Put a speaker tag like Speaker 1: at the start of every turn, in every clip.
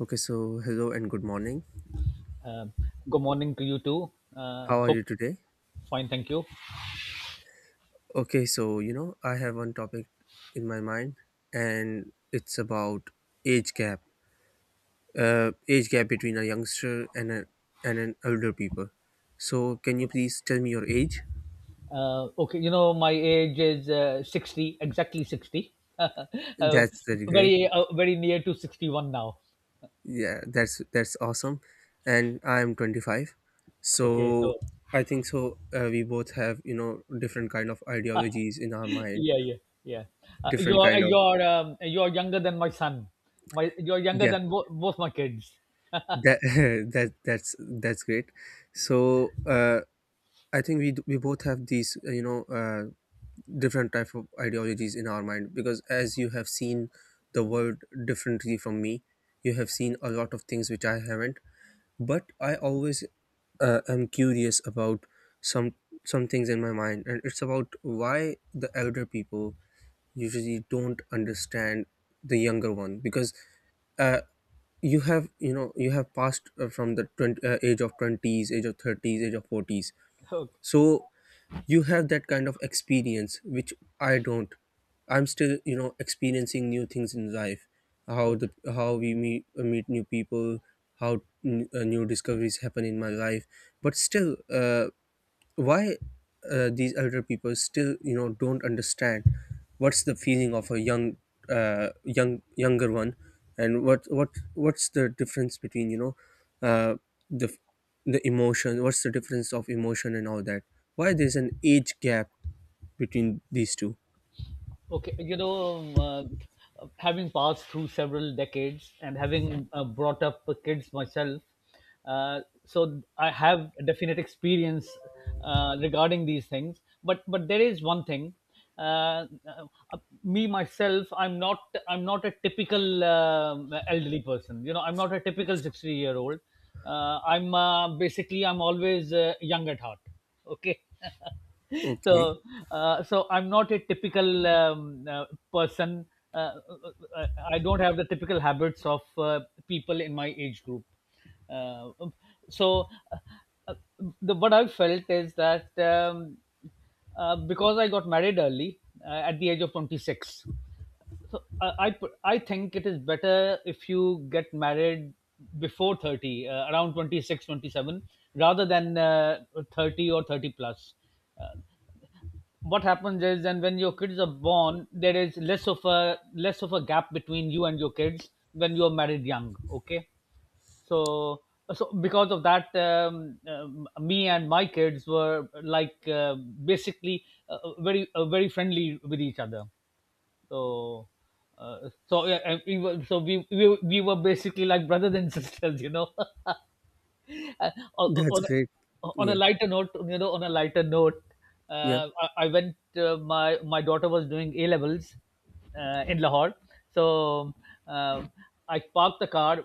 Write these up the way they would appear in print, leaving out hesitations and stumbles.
Speaker 1: Okay, so hello and good morning.
Speaker 2: Um, Good morning to you too. Uh,
Speaker 1: How are
Speaker 2: hope
Speaker 1: you today?
Speaker 2: fine, thank you.
Speaker 1: Okay, so you know, I have one topic in my mind, and it's about age gap, age gap between a youngster and and an older people. So, can you please tell me your age?
Speaker 2: Okay, you know my age is 60, exactly 60. uh,
Speaker 1: That's very great.
Speaker 2: Very, very near to 61 now.
Speaker 1: Yeah, that's awesome. And I am 25.
Speaker 2: Okay,
Speaker 1: So,
Speaker 2: so
Speaker 1: I think so. We both have you know different kind of ideologies in our mind,
Speaker 2: yeah, yeah, yeah.
Speaker 1: different kind of
Speaker 2: You're younger than my son. My you're younger
Speaker 1: yeah
Speaker 2: than both my kids.
Speaker 1: that. That's great. So I think we we both have these you know different type of ideologies in our mind, because as you have seen the world differently from me, you have seen a lot of things which I haven't, but I always am curious about some some things in my mind, and it's about why the elder people usually don't understand the younger one. Because uh, you have you know you have passed from the age of 20s, age of 30s, age of 40s,
Speaker 2: Okay,
Speaker 1: so you have that kind of experience which I don't. I'm still you know experiencing new things in life, how the
Speaker 2: okay.
Speaker 1: how we meet, meet new people, how new discoveries happen in my life. But still why these elder people still you know don't understand what's the feeling of a young younger one, and what what's the difference between you know uh, the the emotion, what's the difference of emotion and all that, why there's an age gap between these two.
Speaker 2: Okay, you know, having passed through several decades and having brought up kids myself, so I have a definite experience regarding these things. But there is one thing. Uh, uh, Me myself, I'm not a typical elderly person. You know, I'm not a typical 60-year-old. I'm basically I'm always young at heart. Okay.
Speaker 1: Okay,
Speaker 2: So I'm not a typical person. uh, uh, uh, I don't have the typical habits of people in my age group. uh, um, so uh, uh, what I felt is that because I got married early at the age of 26. So I think it is better if you get married before 30, around 26, 27, rather than 30 or 30 plus. uh, what happens is, and when your kids are born, there is less of a gap between you and your kids when you are married young. Okay. So so because of that, me and my kids were like basically very, very friendly with each other. So, uh, so yeah, and we were, so we, we were basically like brothers and sisters, you know. Uh, on,
Speaker 1: that's
Speaker 2: on
Speaker 1: great.
Speaker 2: on a
Speaker 1: Yeah,
Speaker 2: lighter note, on a lighter note,
Speaker 1: yeah,
Speaker 2: I went. My daughter was doing A levels in Lahore. So um I parked the car.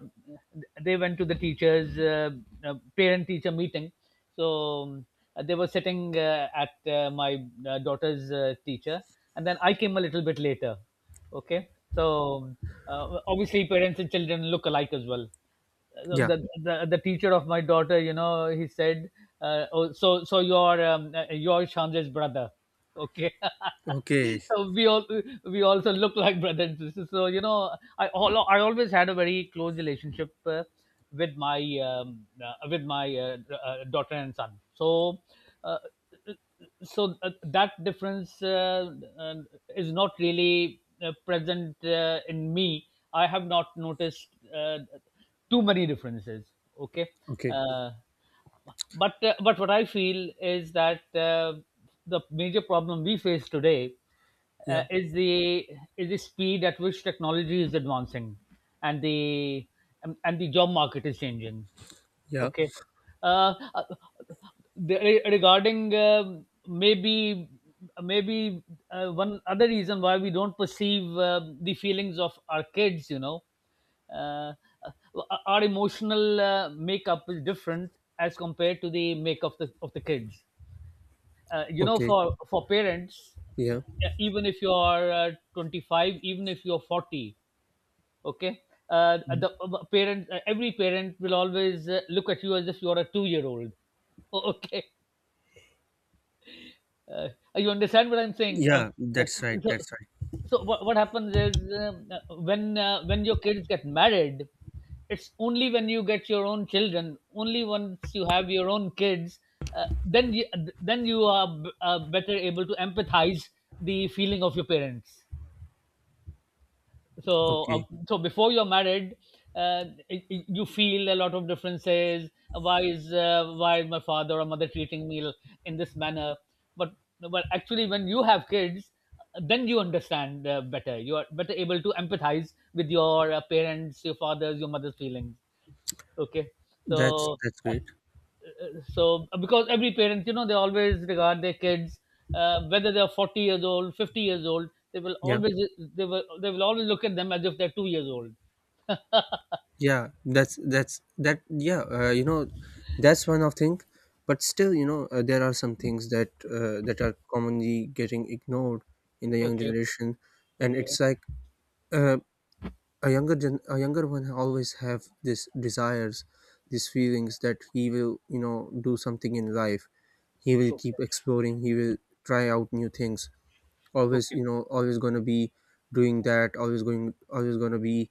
Speaker 2: They went to the teachers' parent teacher meeting. So they were sitting at my daughter's teacher, and then I came a little bit later. Okay. So um, obviously parents and children look alike as well. Uh,
Speaker 1: yeah.
Speaker 2: the, the the teacher of my daughter, you know, he said, "Oh, you're Shanja's brother, okay?"
Speaker 1: Okay.
Speaker 2: so we all we also look like brother and sister. So you know, I always had a very close relationship with my daughter and son. So. Uh, so that difference is not really present in me. I have not noticed uh, too many differences. Okay.
Speaker 1: Okay.
Speaker 2: Uh, but uh, but what I feel is that the major problem we face today
Speaker 1: Yeah,
Speaker 2: uh, is the is the speed at which technology is advancing, and the job market is changing.
Speaker 1: yeah.
Speaker 2: Okay. Uh, uh, Regarding, maybe one other reason why we don't perceive the feelings of our kids, you know, uh, our emotional makeup is different as compared to the makeup of the kids. You know,
Speaker 1: Okay.
Speaker 2: for parents, uh,
Speaker 1: Yeah,
Speaker 2: even if you are 25, even if you are 40. Okay. The parent Every parent will always look at you as if you're a 2-year-old. Okay. uh, you understand what I'm saying?
Speaker 1: yeah,
Speaker 2: Uh,
Speaker 1: that's right,
Speaker 2: so,
Speaker 1: that's right.
Speaker 2: so, what happens is, when your kids get married, it's only when you get your own children, only once you have your own kids. uh, then you, then you are better able to empathize the feeling of your parents. so uh,
Speaker 1: Okay,
Speaker 2: so before you're married, you feel a lot of differences. Why is my father or mother treating me in this manner? But but actually when you have kids, then you understand better. You are better able to empathize with your parents, your father's, your mother's feelings. Okay. so
Speaker 1: that's great.
Speaker 2: so because every parent, you know, they always regard their kids, whether they are 40 years old, 50 years old, they will
Speaker 1: Yeah,
Speaker 2: always, they will always look at them as if they're 2 years old.
Speaker 1: yeah, that's that, yeah. You know, that's one of thing. But still you know there are some things that that are commonly getting ignored in the young
Speaker 2: Okay.
Speaker 1: generation. And
Speaker 2: Okay.
Speaker 1: it's like uh, a a younger one always have this desires, these feelings that he will you know do something in life, he will
Speaker 2: Okay.
Speaker 1: keep exploring, he will try out new things, always
Speaker 2: Okay.
Speaker 1: you know always going to be doing that, always going to be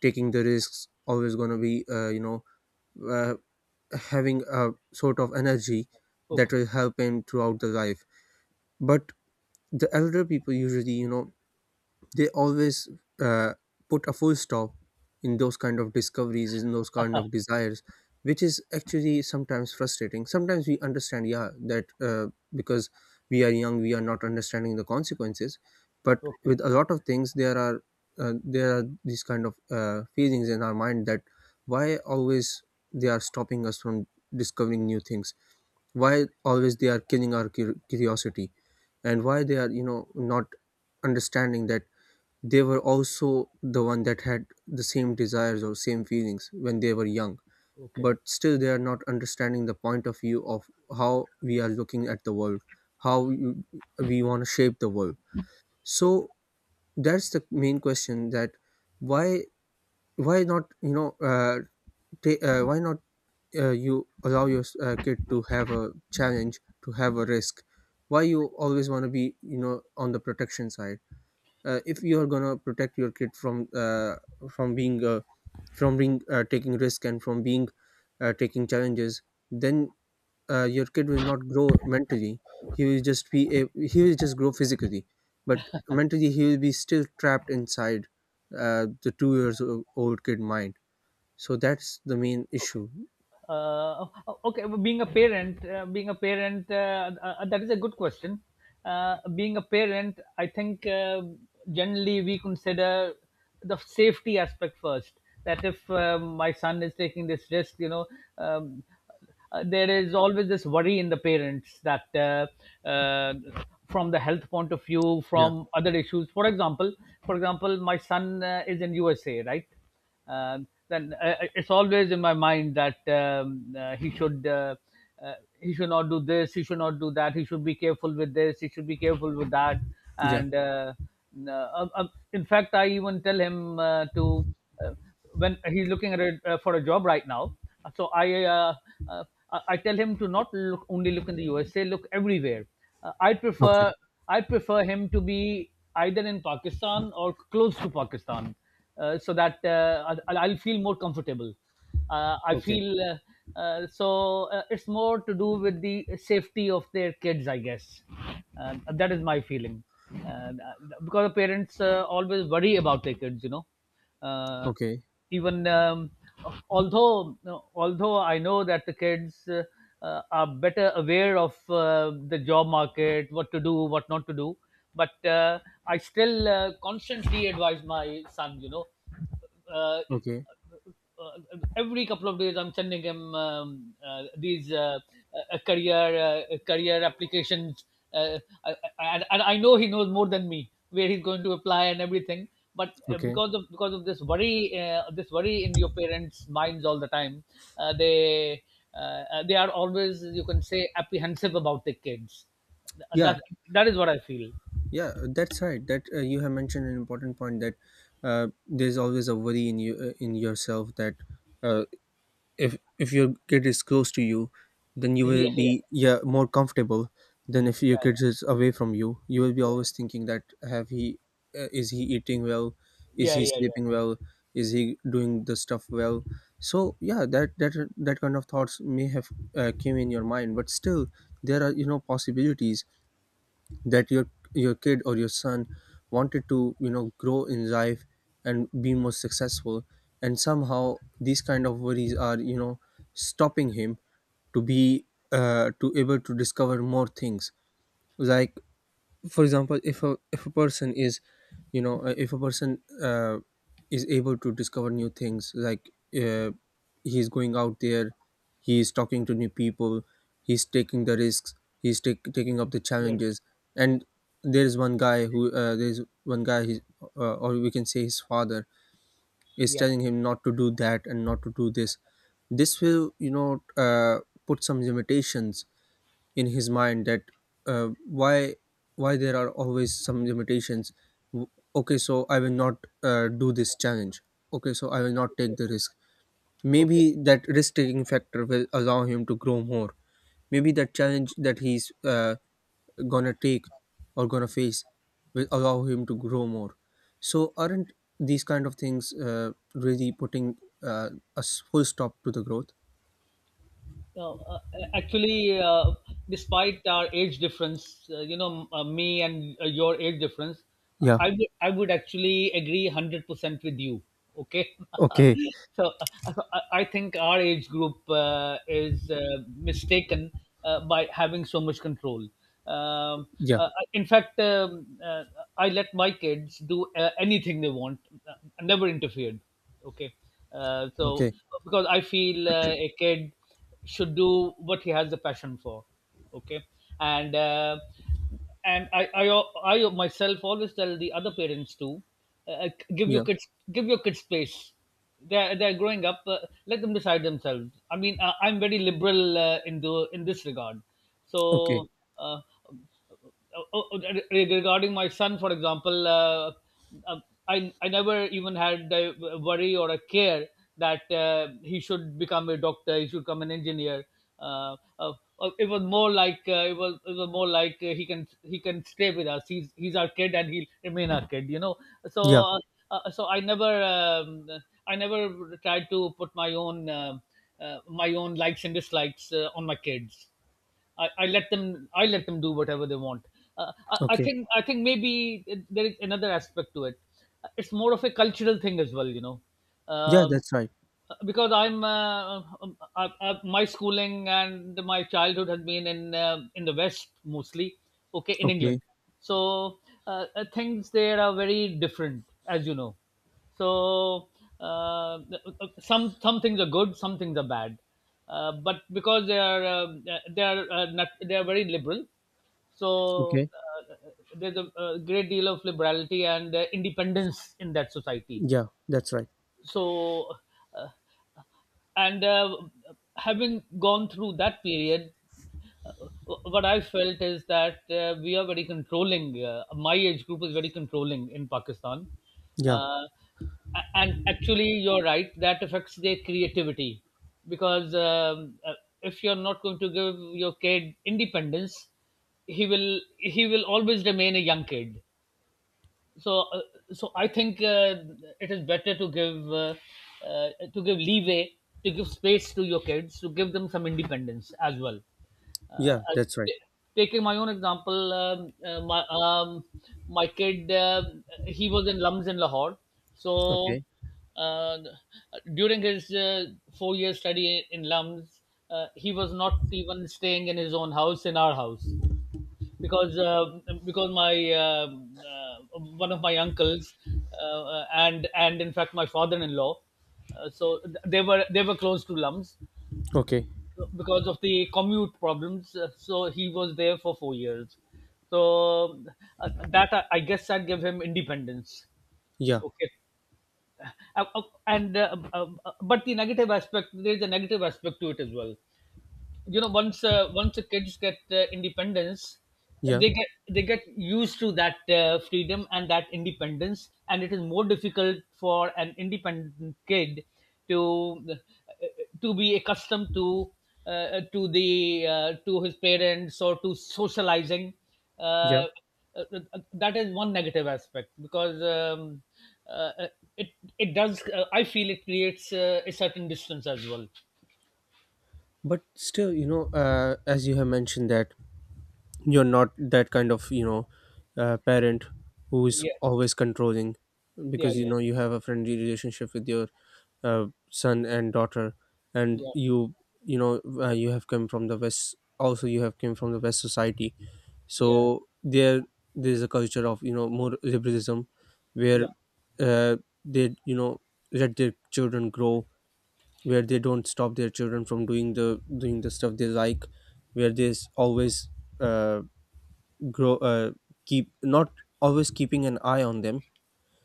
Speaker 1: taking the risks, always going to be you know uh, having a sort of energy that
Speaker 2: Okay.
Speaker 1: will help him throughout the life. But the elder people usually you know they always uh, put a full stop in those kind of discoveries, in those kind of desires, which is actually sometimes frustrating. Sometimes we understand, yeah, that because we are young we are not understanding the consequences, but
Speaker 2: Okay.
Speaker 1: with a lot of things there are these kind of feelings in our mind, that why always they are stopping us from discovering new things, why always they are killing our curiosity, and why they are you know not understanding that they were also the one that had the same desires or same feelings when they were young.
Speaker 2: Okay.
Speaker 1: But still they are not understanding the point of view of how we are looking at the world, how we want to shape the world. So that's the main question, that why why not you know why not you allow your kid to have a challenge, to have a risk. Why you always want to be you know on the protection side. If you are gonna protect your kid from being uh, from being taking risk and from being taking challenges, then your kid will not grow mentally, he will just be he will just grow physically, but mentally he will be still trapped inside the 2 years old kid mind. So that's the main
Speaker 2: Okay.
Speaker 1: issue.
Speaker 2: uh, okay, well, being a parent, being a parent, that is a good question. Being a parent, I think generally we consider the safety aspect first. That if my son is taking this risk, you know, um, there is always this worry in the parents that, from the health point of view,
Speaker 1: Yeah,
Speaker 2: from other issues. For example, for example my son is in USA, right. Then it's always in my mind that he should, uh, he should not do this, he should not do that, he should be careful with this, he should be careful with that.
Speaker 1: yeah.
Speaker 2: And no, in fact, I even tell him to, uh, when he's looking at it for a job right now. So uh, I tell him to not look, only look in the USA, look everywhere. Uh, I
Speaker 1: Okay.
Speaker 2: prefer I prefer him to be either in Pakistan or close to Pakistan, so that I'll feel more comfortable. I
Speaker 1: Okay.
Speaker 2: feel so It's more to do with the safety of their kids, I guess. That is my feeling. uh, because the parents always worry about their kids, you know. Uh,
Speaker 1: Okay.
Speaker 2: even although although I know that the kids are better aware of the job market, what to do, what not to do. But I still constantly advise my son, you know. uh,
Speaker 1: Okay.
Speaker 2: uh, every couple of days I'm sending him these uh, career career applications. uh, and I know he knows more than me where he's going to apply and everything. But
Speaker 1: Okay.
Speaker 2: because of this worry in your parents' minds all the time, uh, they uh, they are always, you can say, apprehensive about their kids.
Speaker 1: Yeah.
Speaker 2: That that is what I feel.
Speaker 1: Yeah, that's right. That you have mentioned an important point, that there's always a worry in you in yourself, that uh, if your kid is close to you, then you will be yeah more comfortable than if your kid is away from you. You will be always thinking that have he is he eating well, is
Speaker 2: Yeah, yeah, yeah,
Speaker 1: he
Speaker 2: yeah, yeah, yeah,
Speaker 1: sleeping
Speaker 2: yeah.
Speaker 1: well, is he doing the stuff well. So yeah, that that kind of thoughts may have came in your mind, but still there are you know possibilities that your kid or your son wanted to you know grow in life and be more successful, and somehow these kind of worries are you know stopping him to be to able to discover more things. Like for example, if a person is you know if a person is able to discover new things, like uh, he's going out there, he's talking to new people, he's taking the risks, he's taking up the
Speaker 2: Right.
Speaker 1: challenges, and there is one guy who there's one guy he's or we can say his father is
Speaker 2: Yeah.
Speaker 1: telling him not to do that and not to do this, this will you know put some limitations in his mind, that uh, why why there are always some limitations. W- okay, so I will not do this challenge, okay, so I will not take the risk. Maybe
Speaker 2: Okay.
Speaker 1: that risk taking factor will allow him to grow more. Maybe that challenge that he's gonna take or gonna face will allow him to grow more. So aren't these kind of things really putting uh, full stop to the growth?
Speaker 2: No, actually, despite our age difference, you know, me and your age difference,
Speaker 1: Yeah.
Speaker 2: I would actually agree 100% with you. Okay.
Speaker 1: Okay.
Speaker 2: so I think our age group is mistaken by having so much control. Um,
Speaker 1: Yeah.
Speaker 2: in fact, I let my kids do anything they want. I never interfered. Okay. So
Speaker 1: Okay.
Speaker 2: because I feel a kid should do what he has the passion for. Okay. and uh, and I myself always tell the other parents too. uh, uh, give your
Speaker 1: Yeah.
Speaker 2: kids give your kids space. They're growing up. Let them decide themselves. I mean, I'm very liberal in this regard.
Speaker 1: Okay.
Speaker 2: So uh, oh, oh, oh, regarding my son, for example, uh, I never even had a worry or a care that he should become a doctor, he should become an engineer. Uh, uh, it was more like, he can stay with us. He's our kid and he'll remain our kid. You know. so
Speaker 1: Yeah.
Speaker 2: uh, uh, so I never um, I never tried to put my own, my own likes and dislikes on my kids. I let them do whatever they want.
Speaker 1: Okay.
Speaker 2: I think maybe there is another aspect to it. It's more of a cultural thing as well, you know.
Speaker 1: Yeah,
Speaker 2: Um,
Speaker 1: that's right.
Speaker 2: because my schooling and my childhood has been in the West mostly, okay, in
Speaker 1: Okay.
Speaker 2: England. So things there are very different, as you know. So some things are good, some things are bad. But because they are not, they are very liberal, so
Speaker 1: Okay.
Speaker 2: there's a great deal of liberality and independence in that society,
Speaker 1: Yeah, that's right.
Speaker 2: so uh, and having gone through that period, uh, what I felt is that we are very controlling. Uh, my age group is very controlling in Pakistan.
Speaker 1: Yeah.
Speaker 2: uh, and actually, you're right, that affects their creativity, because if you're not going to give your kid independence, he will always remain a young kid. So So I think it is better to give leeway, to give space to your kids, to give them some independence as well. uh,
Speaker 1: Yeah,
Speaker 2: I-
Speaker 1: that's right.
Speaker 2: Taking my own example, my kid he was in LUMS in Lahore. So
Speaker 1: Okay.
Speaker 2: uh, during his 4 year study in LUMS, he was not even staying in his own house, in our house, because uh, because my one of my uncles, and in fact my father-in-law, so they were close to LUMS
Speaker 1: Okay.
Speaker 2: because of the commute problems. Uh, so he was there for 4 years. So that, I guess, that gave him independence.
Speaker 1: Yeah.
Speaker 2: Okay. Uh, uh, and but the negative aspect, there is a negative aspect to it as well. You know, once once the kids get independence,
Speaker 1: Yeah.
Speaker 2: they get used to that freedom and that independence, and it is more difficult for an independent kid to uh, to be accustomed to the to his parents, or to socializing.
Speaker 1: Yeah.
Speaker 2: uh, uh, that is one negative aspect, because uh, it, it does I feel it creates a certain distance as well.
Speaker 1: But still, you know, as you have mentioned that you're not that kind of you know parent who is
Speaker 2: Yeah,
Speaker 1: always controlling,
Speaker 2: yeah,
Speaker 1: because you
Speaker 2: yeah,
Speaker 1: know you have a friendly relationship with your son and daughter, and
Speaker 2: yeah.
Speaker 1: you know you have come from the West also, you have came from the West society,
Speaker 2: Yeah.
Speaker 1: so there's a culture of you know more liberalism, where
Speaker 2: Yeah.
Speaker 1: uh, they you know let their children grow, where they don't stop their children from doing the stuff they like, where there's always uh, grow keep not always keeping an eye on them,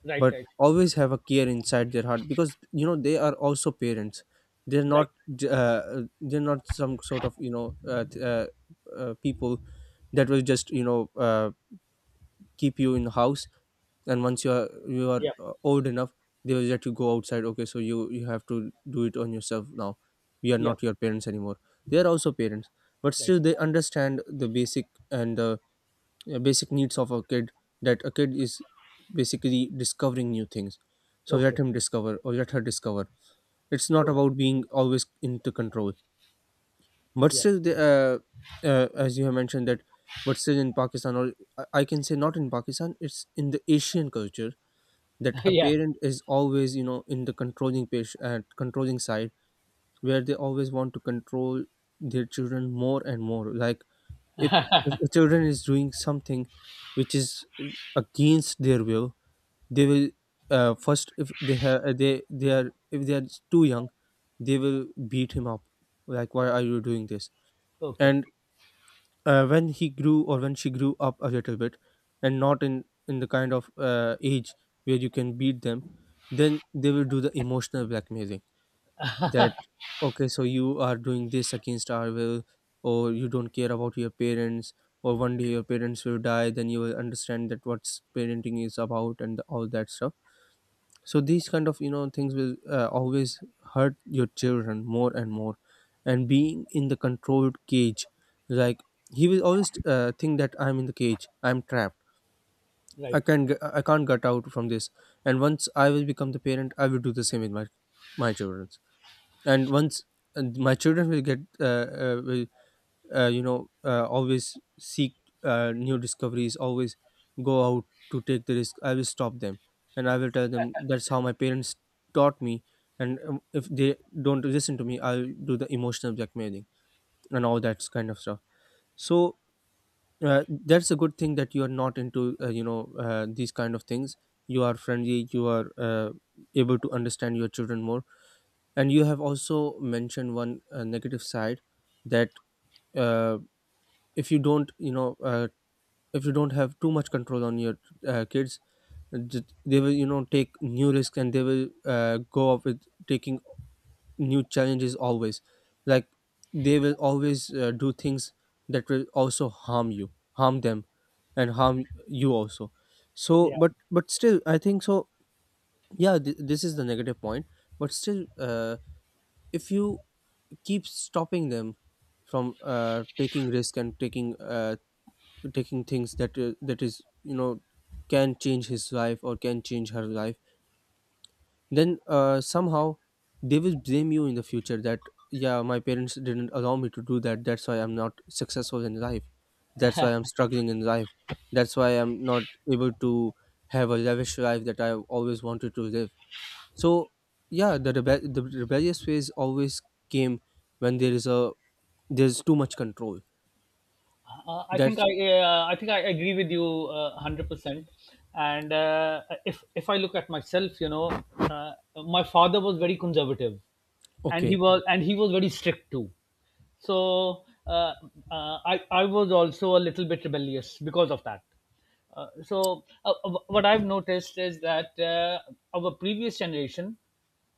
Speaker 2: Right.
Speaker 1: but
Speaker 2: Right.
Speaker 1: always have a care inside their heart, because you know they are also parents. They're
Speaker 2: Right.
Speaker 1: not they're not some sort of you know people that will just you know keep you in the house, and once you are
Speaker 2: Yeah.
Speaker 1: old enough, they will let you go outside. Okay, so you have to do it on yourself now, we are
Speaker 2: Yeah.
Speaker 1: not your parents anymore. They are also parents, but
Speaker 2: Right.
Speaker 1: still they understand the basic and the basic needs of a kid, that a kid is basically discovering new things, so let
Speaker 2: Okay.
Speaker 1: him discover or let her discover. It's not
Speaker 2: Cool.
Speaker 1: about being always into control. But
Speaker 2: Yeah.
Speaker 1: still as you have mentioned, that but still in Pakistan, or I can say not in Pakistan, it's in the Asian culture, that a
Speaker 2: yeah.
Speaker 1: parent is always you know in the controlling page and controlling side, where they always want to control their children more and more. Like if the children is doing something which is against their will, they will first, if they have they are if they are too young, they will beat him up, like why are you doing this.
Speaker 2: Okay.
Speaker 1: And when he grew or when she grew up a little bit, and not in in the kind of age where you can beat them, then they will do the emotional blackmailing, that okay, so you are doing this against our will, or you don't care about your parents, or one day your parents will die, then you will understand that what's parenting is about and all that stuff. So these kind of you know things will always hurt your children more and more, and being in the controlled cage, like he will always think that I'm in the cage, I'm trapped, I
Speaker 2: Right.
Speaker 1: can't get, I can't get out from this. And once I will become the parent, I will do the same with my my children. And once, and my children will get will you know always seek new discoveries, always go out to take the risk, I will stop them, and I will tell them that's how my parents taught me. And if they don't listen to me, I'll do the emotional blackmailing and all that kind of stuff. So that's a good thing, that you are not into you know these kind of things. You are friendly, you are able to understand your children more. And you have also mentioned one negative side, that uh, if you don't you know if you Don't have too much control on your kids, they will, you know, take new risks and they will go up with taking new challenges always. Like, they will always do things that will also harm you, harm them, and harm you also. So
Speaker 2: Yeah.
Speaker 1: but still, I think so. Yeah, this is the negative point. But still, if you keeps stopping them from taking risk and taking taking things that that is, you know, can change his life or can change her life, then somehow they will blame you in the future that, yeah, my parents didn't allow me to do that, that's why I'm not successful in life, that's why I'm struggling in life, that's why I'm not able to have a lavish life that I always wanted to live. So yeah, the rebellious phase always came when there is a, there's too much control.
Speaker 2: Uh, I think
Speaker 1: That's
Speaker 2: I I think I agree with you 100%. And if I look at myself, you know, my father was very conservative, and
Speaker 1: okay.
Speaker 2: he was very strict too. So I was also a little bit rebellious because of that. What I've noticed is that our previous generation,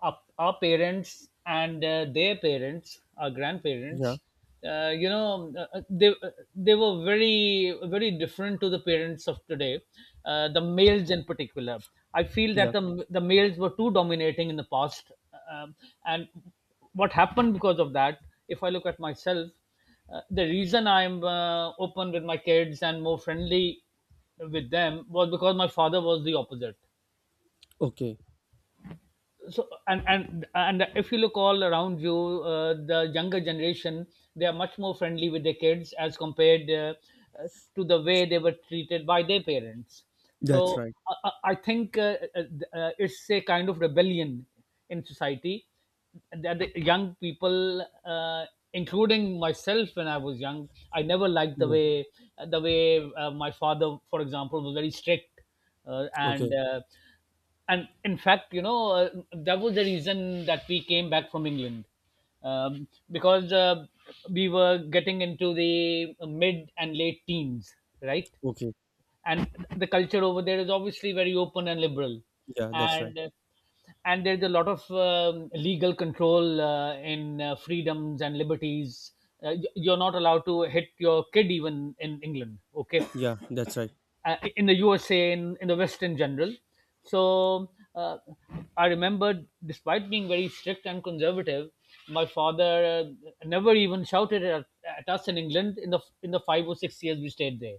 Speaker 2: our parents, and their parents, our
Speaker 1: Yeah.
Speaker 2: grandparents, you know, they were very, very different to the parents of today, the males in particular. I feel
Speaker 1: Yeah.
Speaker 2: that the males were too dominating in the past, um, and what happened because of that. If I look at myself, the reason I'm open with my kids and more friendly with them was because my father was the opposite.
Speaker 1: Okay.
Speaker 2: So and if you look all around you, the younger generation, they are much more friendly with their kids as compared uh, to the way they were treated by their parents. So
Speaker 1: That's right.
Speaker 2: I think it's a kind of rebellion in society, that the young people including myself, when I was young, I never liked the
Speaker 1: Yeah.
Speaker 2: way, the way my father, for example, was very strict. uh, and
Speaker 1: Okay.
Speaker 2: uh, and in fact, you know, that was the reason that we came back from England, because we were getting into the mid and late teens, right?
Speaker 1: Okay.
Speaker 2: And the culture over there is obviously very open and liberal,
Speaker 1: Yeah. That's right.
Speaker 2: and there's a lot of legal control in freedoms and liberties. You're not allowed to hit your kid even in England, okay?
Speaker 1: Yeah. That's right.
Speaker 2: In the USA, in the West in general. So I remember, despite being very strict and conservative, my father never even shouted at us in England, in the five or six years we stayed there.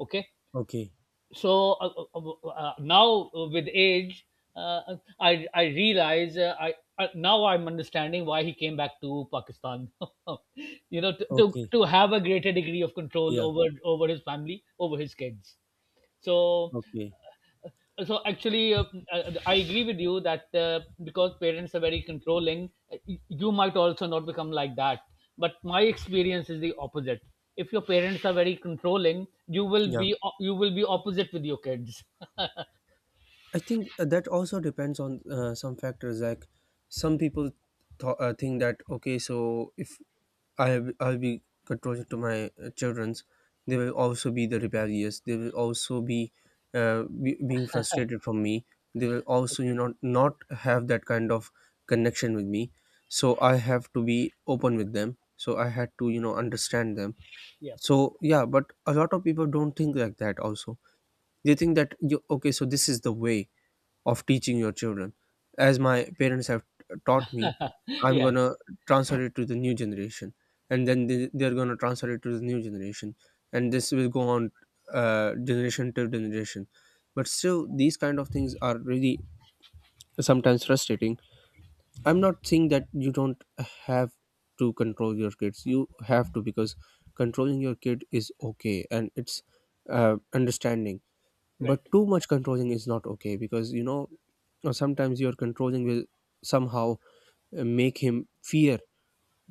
Speaker 2: Okay,
Speaker 1: Okay.
Speaker 2: so now with age, I realize I. Now I'm understanding why he came back to Pakistan, you know,
Speaker 1: Okay.
Speaker 2: to have a greater degree of control
Speaker 1: Yeah.
Speaker 2: over, over his family, over his kids. So
Speaker 1: Okay.
Speaker 2: so actually I agree with you that because parents are very controlling, you might also not become like that, but my experience is the opposite. If your parents are very controlling, you will
Speaker 1: Yeah,
Speaker 2: be you will be opposite with your kids.
Speaker 1: I think that also depends on some factors. Like, some people think that, okay, so if I have, I'll be controlling to my childrens, they will also be the rebellious. They will also be being frustrated from me. They will also, you
Speaker 2: Okay.
Speaker 1: know, not have that kind of connection with me. So I have to be open with them. So I had to, you know, understand them.
Speaker 2: Yeah,
Speaker 1: So yeah, but a lot of people don't think like that. Also, they think that you, okay, so this is the way of teaching your children. As my parents have taught me, I'm
Speaker 2: yeah.
Speaker 1: gonna transfer it to the new generation, and then they're gonna transfer it to the new generation, and this will go on generation to generation. But still, these kind of things are really sometimes frustrating. I'm not saying that you don't have to control your kids. You have to, because controlling your kid is okay, and it's understanding. But
Speaker 2: Right.
Speaker 1: too much controlling is not okay, because, you know, sometimes your controlling will somehow make him fear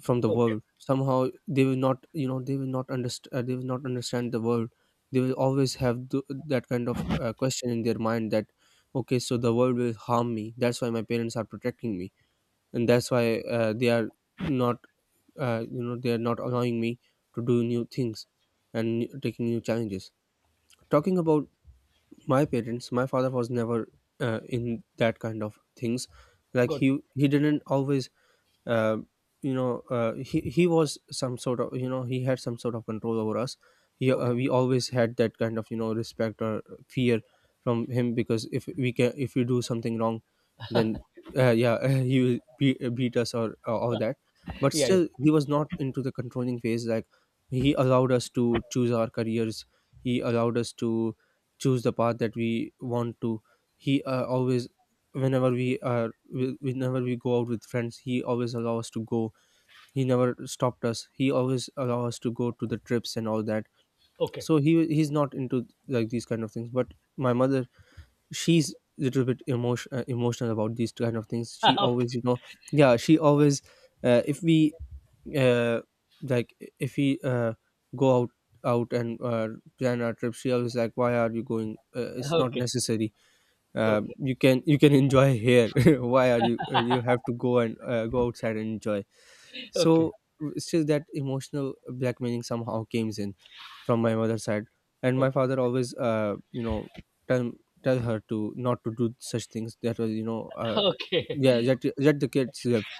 Speaker 1: from the
Speaker 2: Okay.
Speaker 1: world. Somehow, they will not, you know, they will not understand they will not understand the world. They will always have that kind of question in their mind that, okay, so the world will harm me, that's why my parents are protecting me, and
Speaker 2: Right.
Speaker 1: that's why they are not you know, they are not allowing me to do new things and taking new challenges. Talking about my parents, my father was never in that kind of things. Like,
Speaker 2: Good.
Speaker 1: he didn't always uh, you know, he was some sort of, you know, he had some sort of control over us. He
Speaker 2: Okay.
Speaker 1: we always had that kind of, you know, respect or fear from him, because if we can, if we do something wrong, then yeah, he will be, beat us or all that. But
Speaker 2: Yeah,
Speaker 1: still,
Speaker 2: yeah.
Speaker 1: he was not into the controlling phase. Like, he allowed us to choose our careers, he allowed us to choose the path that we want to. He always, whenever we are whenever we go out with friends, he always allow us to go. He never stopped us, he always allow us to go to the trips and all that.
Speaker 2: Okay.
Speaker 1: So he's not into like these kind of things. But my mother, she's little bit emotional about these kind of things. She always, you know, yeah, she always if we uh, like if we go out out and plan our trip, she always like, why are you going, it's not
Speaker 2: Okay,
Speaker 1: necessary,
Speaker 2: okay.
Speaker 1: you can enjoy here, why are you you have to go and go outside and enjoy.
Speaker 2: Okay. Okay.
Speaker 1: So still that emotional blackmailing somehow came in from my mother's side. And my
Speaker 2: Okay.
Speaker 1: father always you know, tell tell her to not to do such things. That was, you know,
Speaker 2: Okay,
Speaker 1: yeah, let the kids live.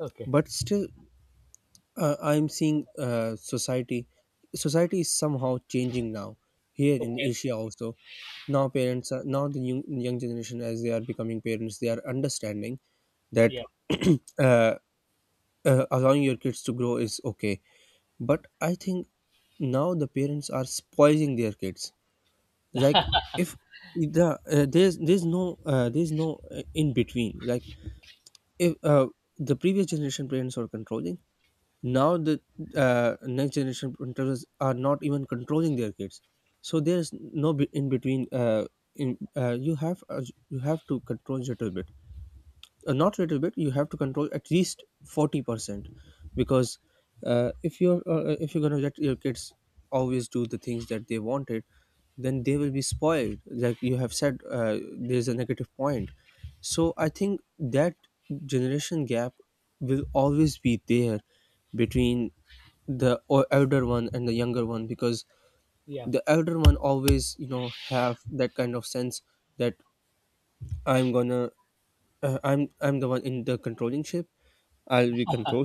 Speaker 2: okay.
Speaker 1: But still, I'm seeing society. Society is somehow changing now here in
Speaker 2: Okay.
Speaker 1: Asia also. Now parents are, now the young generation, as they are becoming parents, they are understanding that,
Speaker 2: Yeah,
Speaker 1: uh, allowing your kids to grow is okay. But I think now the parents are spoiling their kids. Like, if the there's no there's no in between. Like, if the previous generation parents were controlling, now the next generation parents are not even controlling their kids. So there's no in between, in you have to control little bit, not little bit, you have to control at least 40%. Because if you're gonna let your kids always do the things that they wanted, then they will be spoiled. Like you have said, there's a negative point. So I think that generation gap will always be there between the elder one and the younger one, because
Speaker 2: yeah.
Speaker 1: the elder one always, you know, have that kind of sense that I'm gonna I'm the one in the controlling ship, I'll be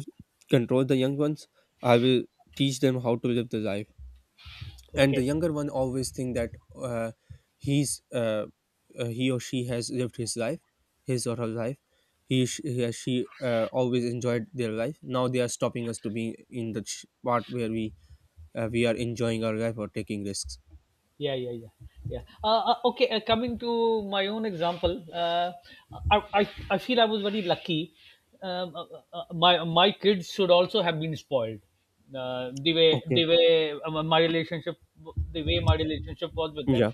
Speaker 1: control the young ones. I will teach them how to live the life. And the
Speaker 2: Okay.
Speaker 1: younger one always think that uh, he's uh, he or she has lived his life, his or her life. He or she always enjoyed their life. Now they are stopping us to be in the part where we are enjoying our life or taking risks.
Speaker 2: Yeah, yeah, yeah, yeah. Okay, coming to my own example, I feel I was very lucky. Um, uh, uh, my my kids should also have been spoiled,
Speaker 1: Okay.
Speaker 2: the way my relationship, the way my relationship was with them.
Speaker 1: Yeah.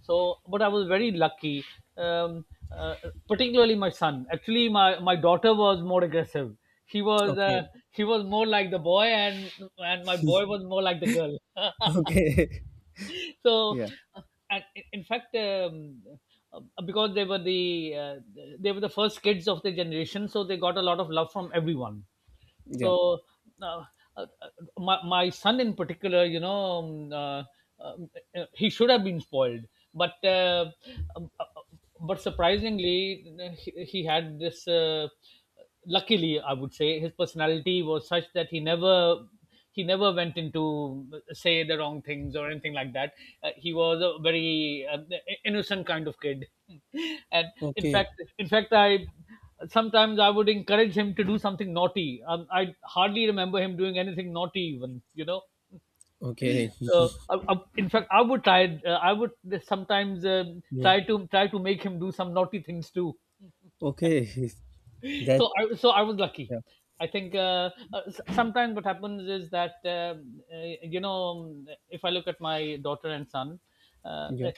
Speaker 2: So but I was very lucky. um, uh, Particularly my son, actually my daughter was more aggressive. He was
Speaker 1: Okay.
Speaker 2: he was more like the boy, and my boy was more like the girl.
Speaker 1: Okay.
Speaker 2: So
Speaker 1: Yeah.
Speaker 2: uh, in fact, because they were the first kids of the generation, so they got a lot of love from everyone.
Speaker 1: Yeah.
Speaker 2: So uh, uh, my son in particular, you know, um, he should have been spoiled, but um, uh, uh, surprisingly he had this luckily I would say, his personality was such that he never went into say the wrong things or anything like that. He was a very innocent kind of kid, and
Speaker 1: Okay.
Speaker 2: in fact, I sometimes I would encourage him to do something naughty. I hardly remember him doing anything naughty, even you know.
Speaker 1: Okay.
Speaker 2: So, I, in fact, I would try. I would sometimes
Speaker 1: Yeah.
Speaker 2: try to try to make him do some naughty things too.
Speaker 1: Okay. That.
Speaker 2: So I, so I was lucky.
Speaker 1: Yeah.
Speaker 2: I think sometimes what happens is that you know, if I look at my daughter and son, uh,
Speaker 1: Yeah.
Speaker 2: I-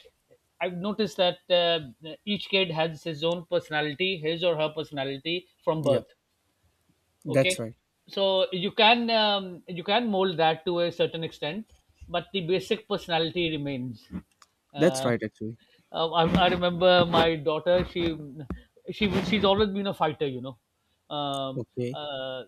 Speaker 2: I've noticed that each kid has his own personality, his or her personality from
Speaker 1: Yeah.
Speaker 2: birth. Okay,
Speaker 1: That's right.
Speaker 2: so you can mold that to a certain extent, but the basic personality remains.
Speaker 1: That's
Speaker 2: Uh,
Speaker 1: right actually.
Speaker 2: I remember my daughter. She, she's always been a fighter, you know. Um,
Speaker 1: Okay.
Speaker 2: uh,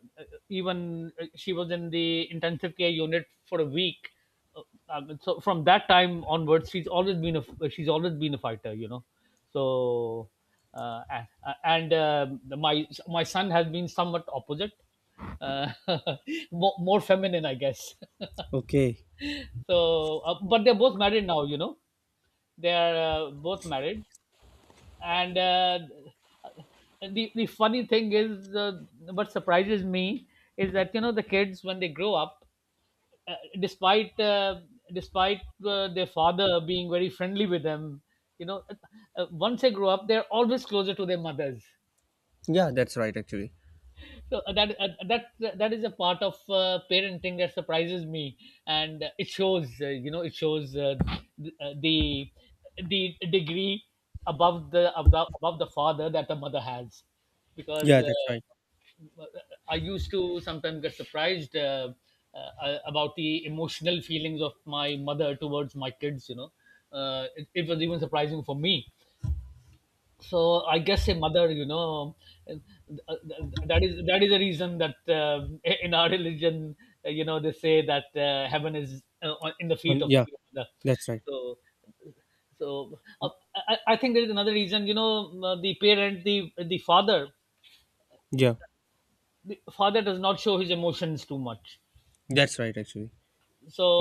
Speaker 2: Even she was in the intensive care unit for a week. Uh, so from that time onwards, she's always been a fighter, you know. So uh, and, and my, my son has been somewhat opposite, uh, more, more feminine, I guess.
Speaker 1: Okay.
Speaker 2: So, but they're both married now, you know. They are both married, and the funny thing is, what surprises me is that, you know, the kids when they grow up, uh, despite uh, despite their father being very friendly with them, you know, once they grow up, they're always closer to their mothers.
Speaker 1: Yeah. That's right actually.
Speaker 2: So that that is a part of parenting that surprises me, and it shows. You know, it shows th- uh, the the degree above the above above the father that the mother has, because
Speaker 1: Yeah. That's right.
Speaker 2: I used to sometimes get surprised about the emotional feelings of my mother towards my kids. You know, it, it was even surprising for me. So I guess a mother, you know, that is, that is the reason that in our religion, you know, they say that heaven is in the feet
Speaker 1: And
Speaker 2: of
Speaker 1: yeah.
Speaker 2: the mother.
Speaker 1: That's right.
Speaker 2: So so I think there is another reason, you know, the the father,
Speaker 1: Yeah.
Speaker 2: the father does not show his emotions too much.
Speaker 1: That's right actually.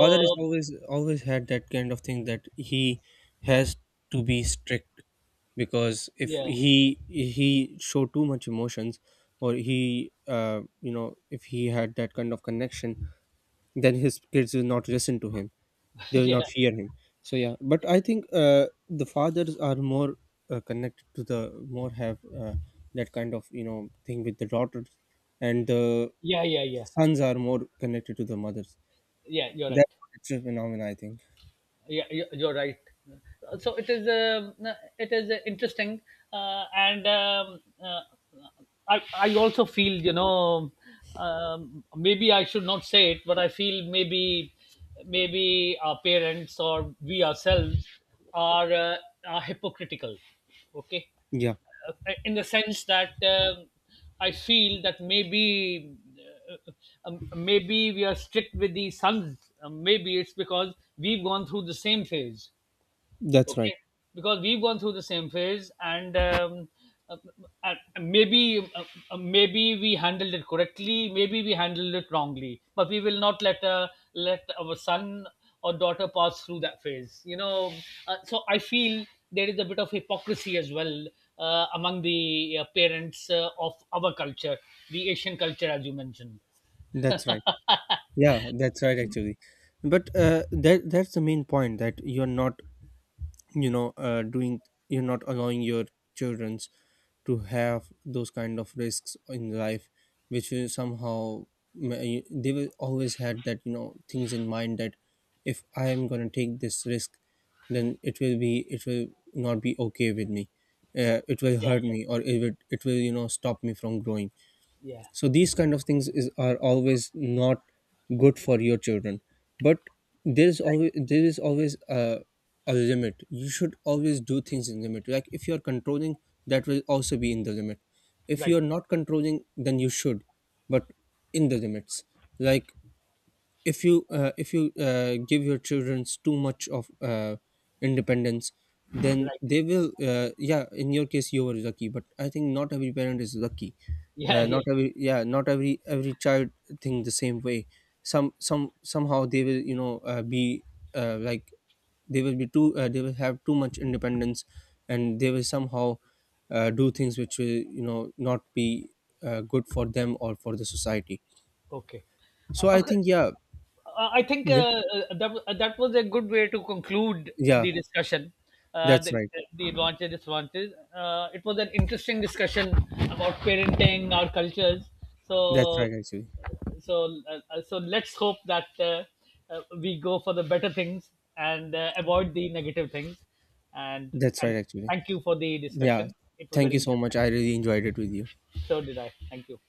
Speaker 1: Father is always, always had that kind of thing that he has to be strict. Because if
Speaker 2: yeah.
Speaker 1: he show too much emotions, or he you know, if he had that kind of connection, then his kids will not listen to him, they will
Speaker 2: Yeah,
Speaker 1: not fear him. So yeah, but I think the fathers are more connected to the, more have uh, that kind of, you know, thing with the daughters, and the
Speaker 2: yeah, yeah, yeah.
Speaker 1: sons are more connected to the mothers.
Speaker 2: Yeah, you're right.
Speaker 1: That's a phenomenon, I think.
Speaker 2: Yeah, you- you're right. So it is interesting, and I also feel, you know, maybe I should not say it, but I feel maybe, maybe our parents, or we ourselves, are uh, are hypocritical, okay,
Speaker 1: Yeah,
Speaker 2: in the sense that I feel that maybe uh, maybe we are strict with the sons. Maybe it's because we've gone through the same phase.
Speaker 1: that's right.
Speaker 2: Okay, because we've gone through the same phase and uh, uh, maybe maybe we handled it correctly, maybe we handled it wrongly, but we will not let let our son or daughter pass through that phase, you know. Uh, so I feel there is a bit of hypocrisy as well among the parents of our culture, the Asian culture, as you mentioned.
Speaker 1: That's right. Yeah, that's right actually. But that, that's the main point, that you're not, you know, doing, you're not allowing your childrens to have those kind of risks in life, which will somehow they will always had that, you know, things in mind that if I am gonna take this risk, then it will not be okay with me. It will
Speaker 2: Yeah,
Speaker 1: hurt
Speaker 2: yeah,
Speaker 1: me, or it will you know, stop me from growing.
Speaker 2: yeah.
Speaker 1: So these kind of things is are always not good for your children. But there is always a limit. You should always do things in limit. Like, if you're controlling, that will also be in the limit. If
Speaker 2: Right.
Speaker 1: you're not controlling, then you should, but in the limits. Like, if you give your children too much of independence, then
Speaker 2: Right.
Speaker 1: they will yeah, in your case you were lucky, but I think not every parent is lucky.
Speaker 2: Yeah,
Speaker 1: Not
Speaker 2: yeah.
Speaker 1: every Yeah, not every child think the same way. Somehow they will, you know, be like, they will be too they will have too much independence, and they will somehow do things which will, you know, not be good for them or for the society.
Speaker 2: Okay.
Speaker 1: So I
Speaker 2: Okay.
Speaker 1: think, yeah.
Speaker 2: I think
Speaker 1: Yeah.
Speaker 2: that, that was a good way to conclude
Speaker 1: Yeah.
Speaker 2: the discussion. Uh,
Speaker 1: That's
Speaker 2: the,
Speaker 1: right.
Speaker 2: the launches, dislaunches. It was an interesting discussion about parenting, our cultures. So,
Speaker 1: That's right, actually.
Speaker 2: so, so let's hope that we go for the better things and avoid the negative things. And
Speaker 1: That's right, actually.
Speaker 2: thank you for the
Speaker 1: Yeah.
Speaker 2: discussion. It was
Speaker 1: Thank
Speaker 2: very
Speaker 1: you so much.
Speaker 2: interesting.
Speaker 1: I really enjoyed it with you.
Speaker 2: So did I. Thank you.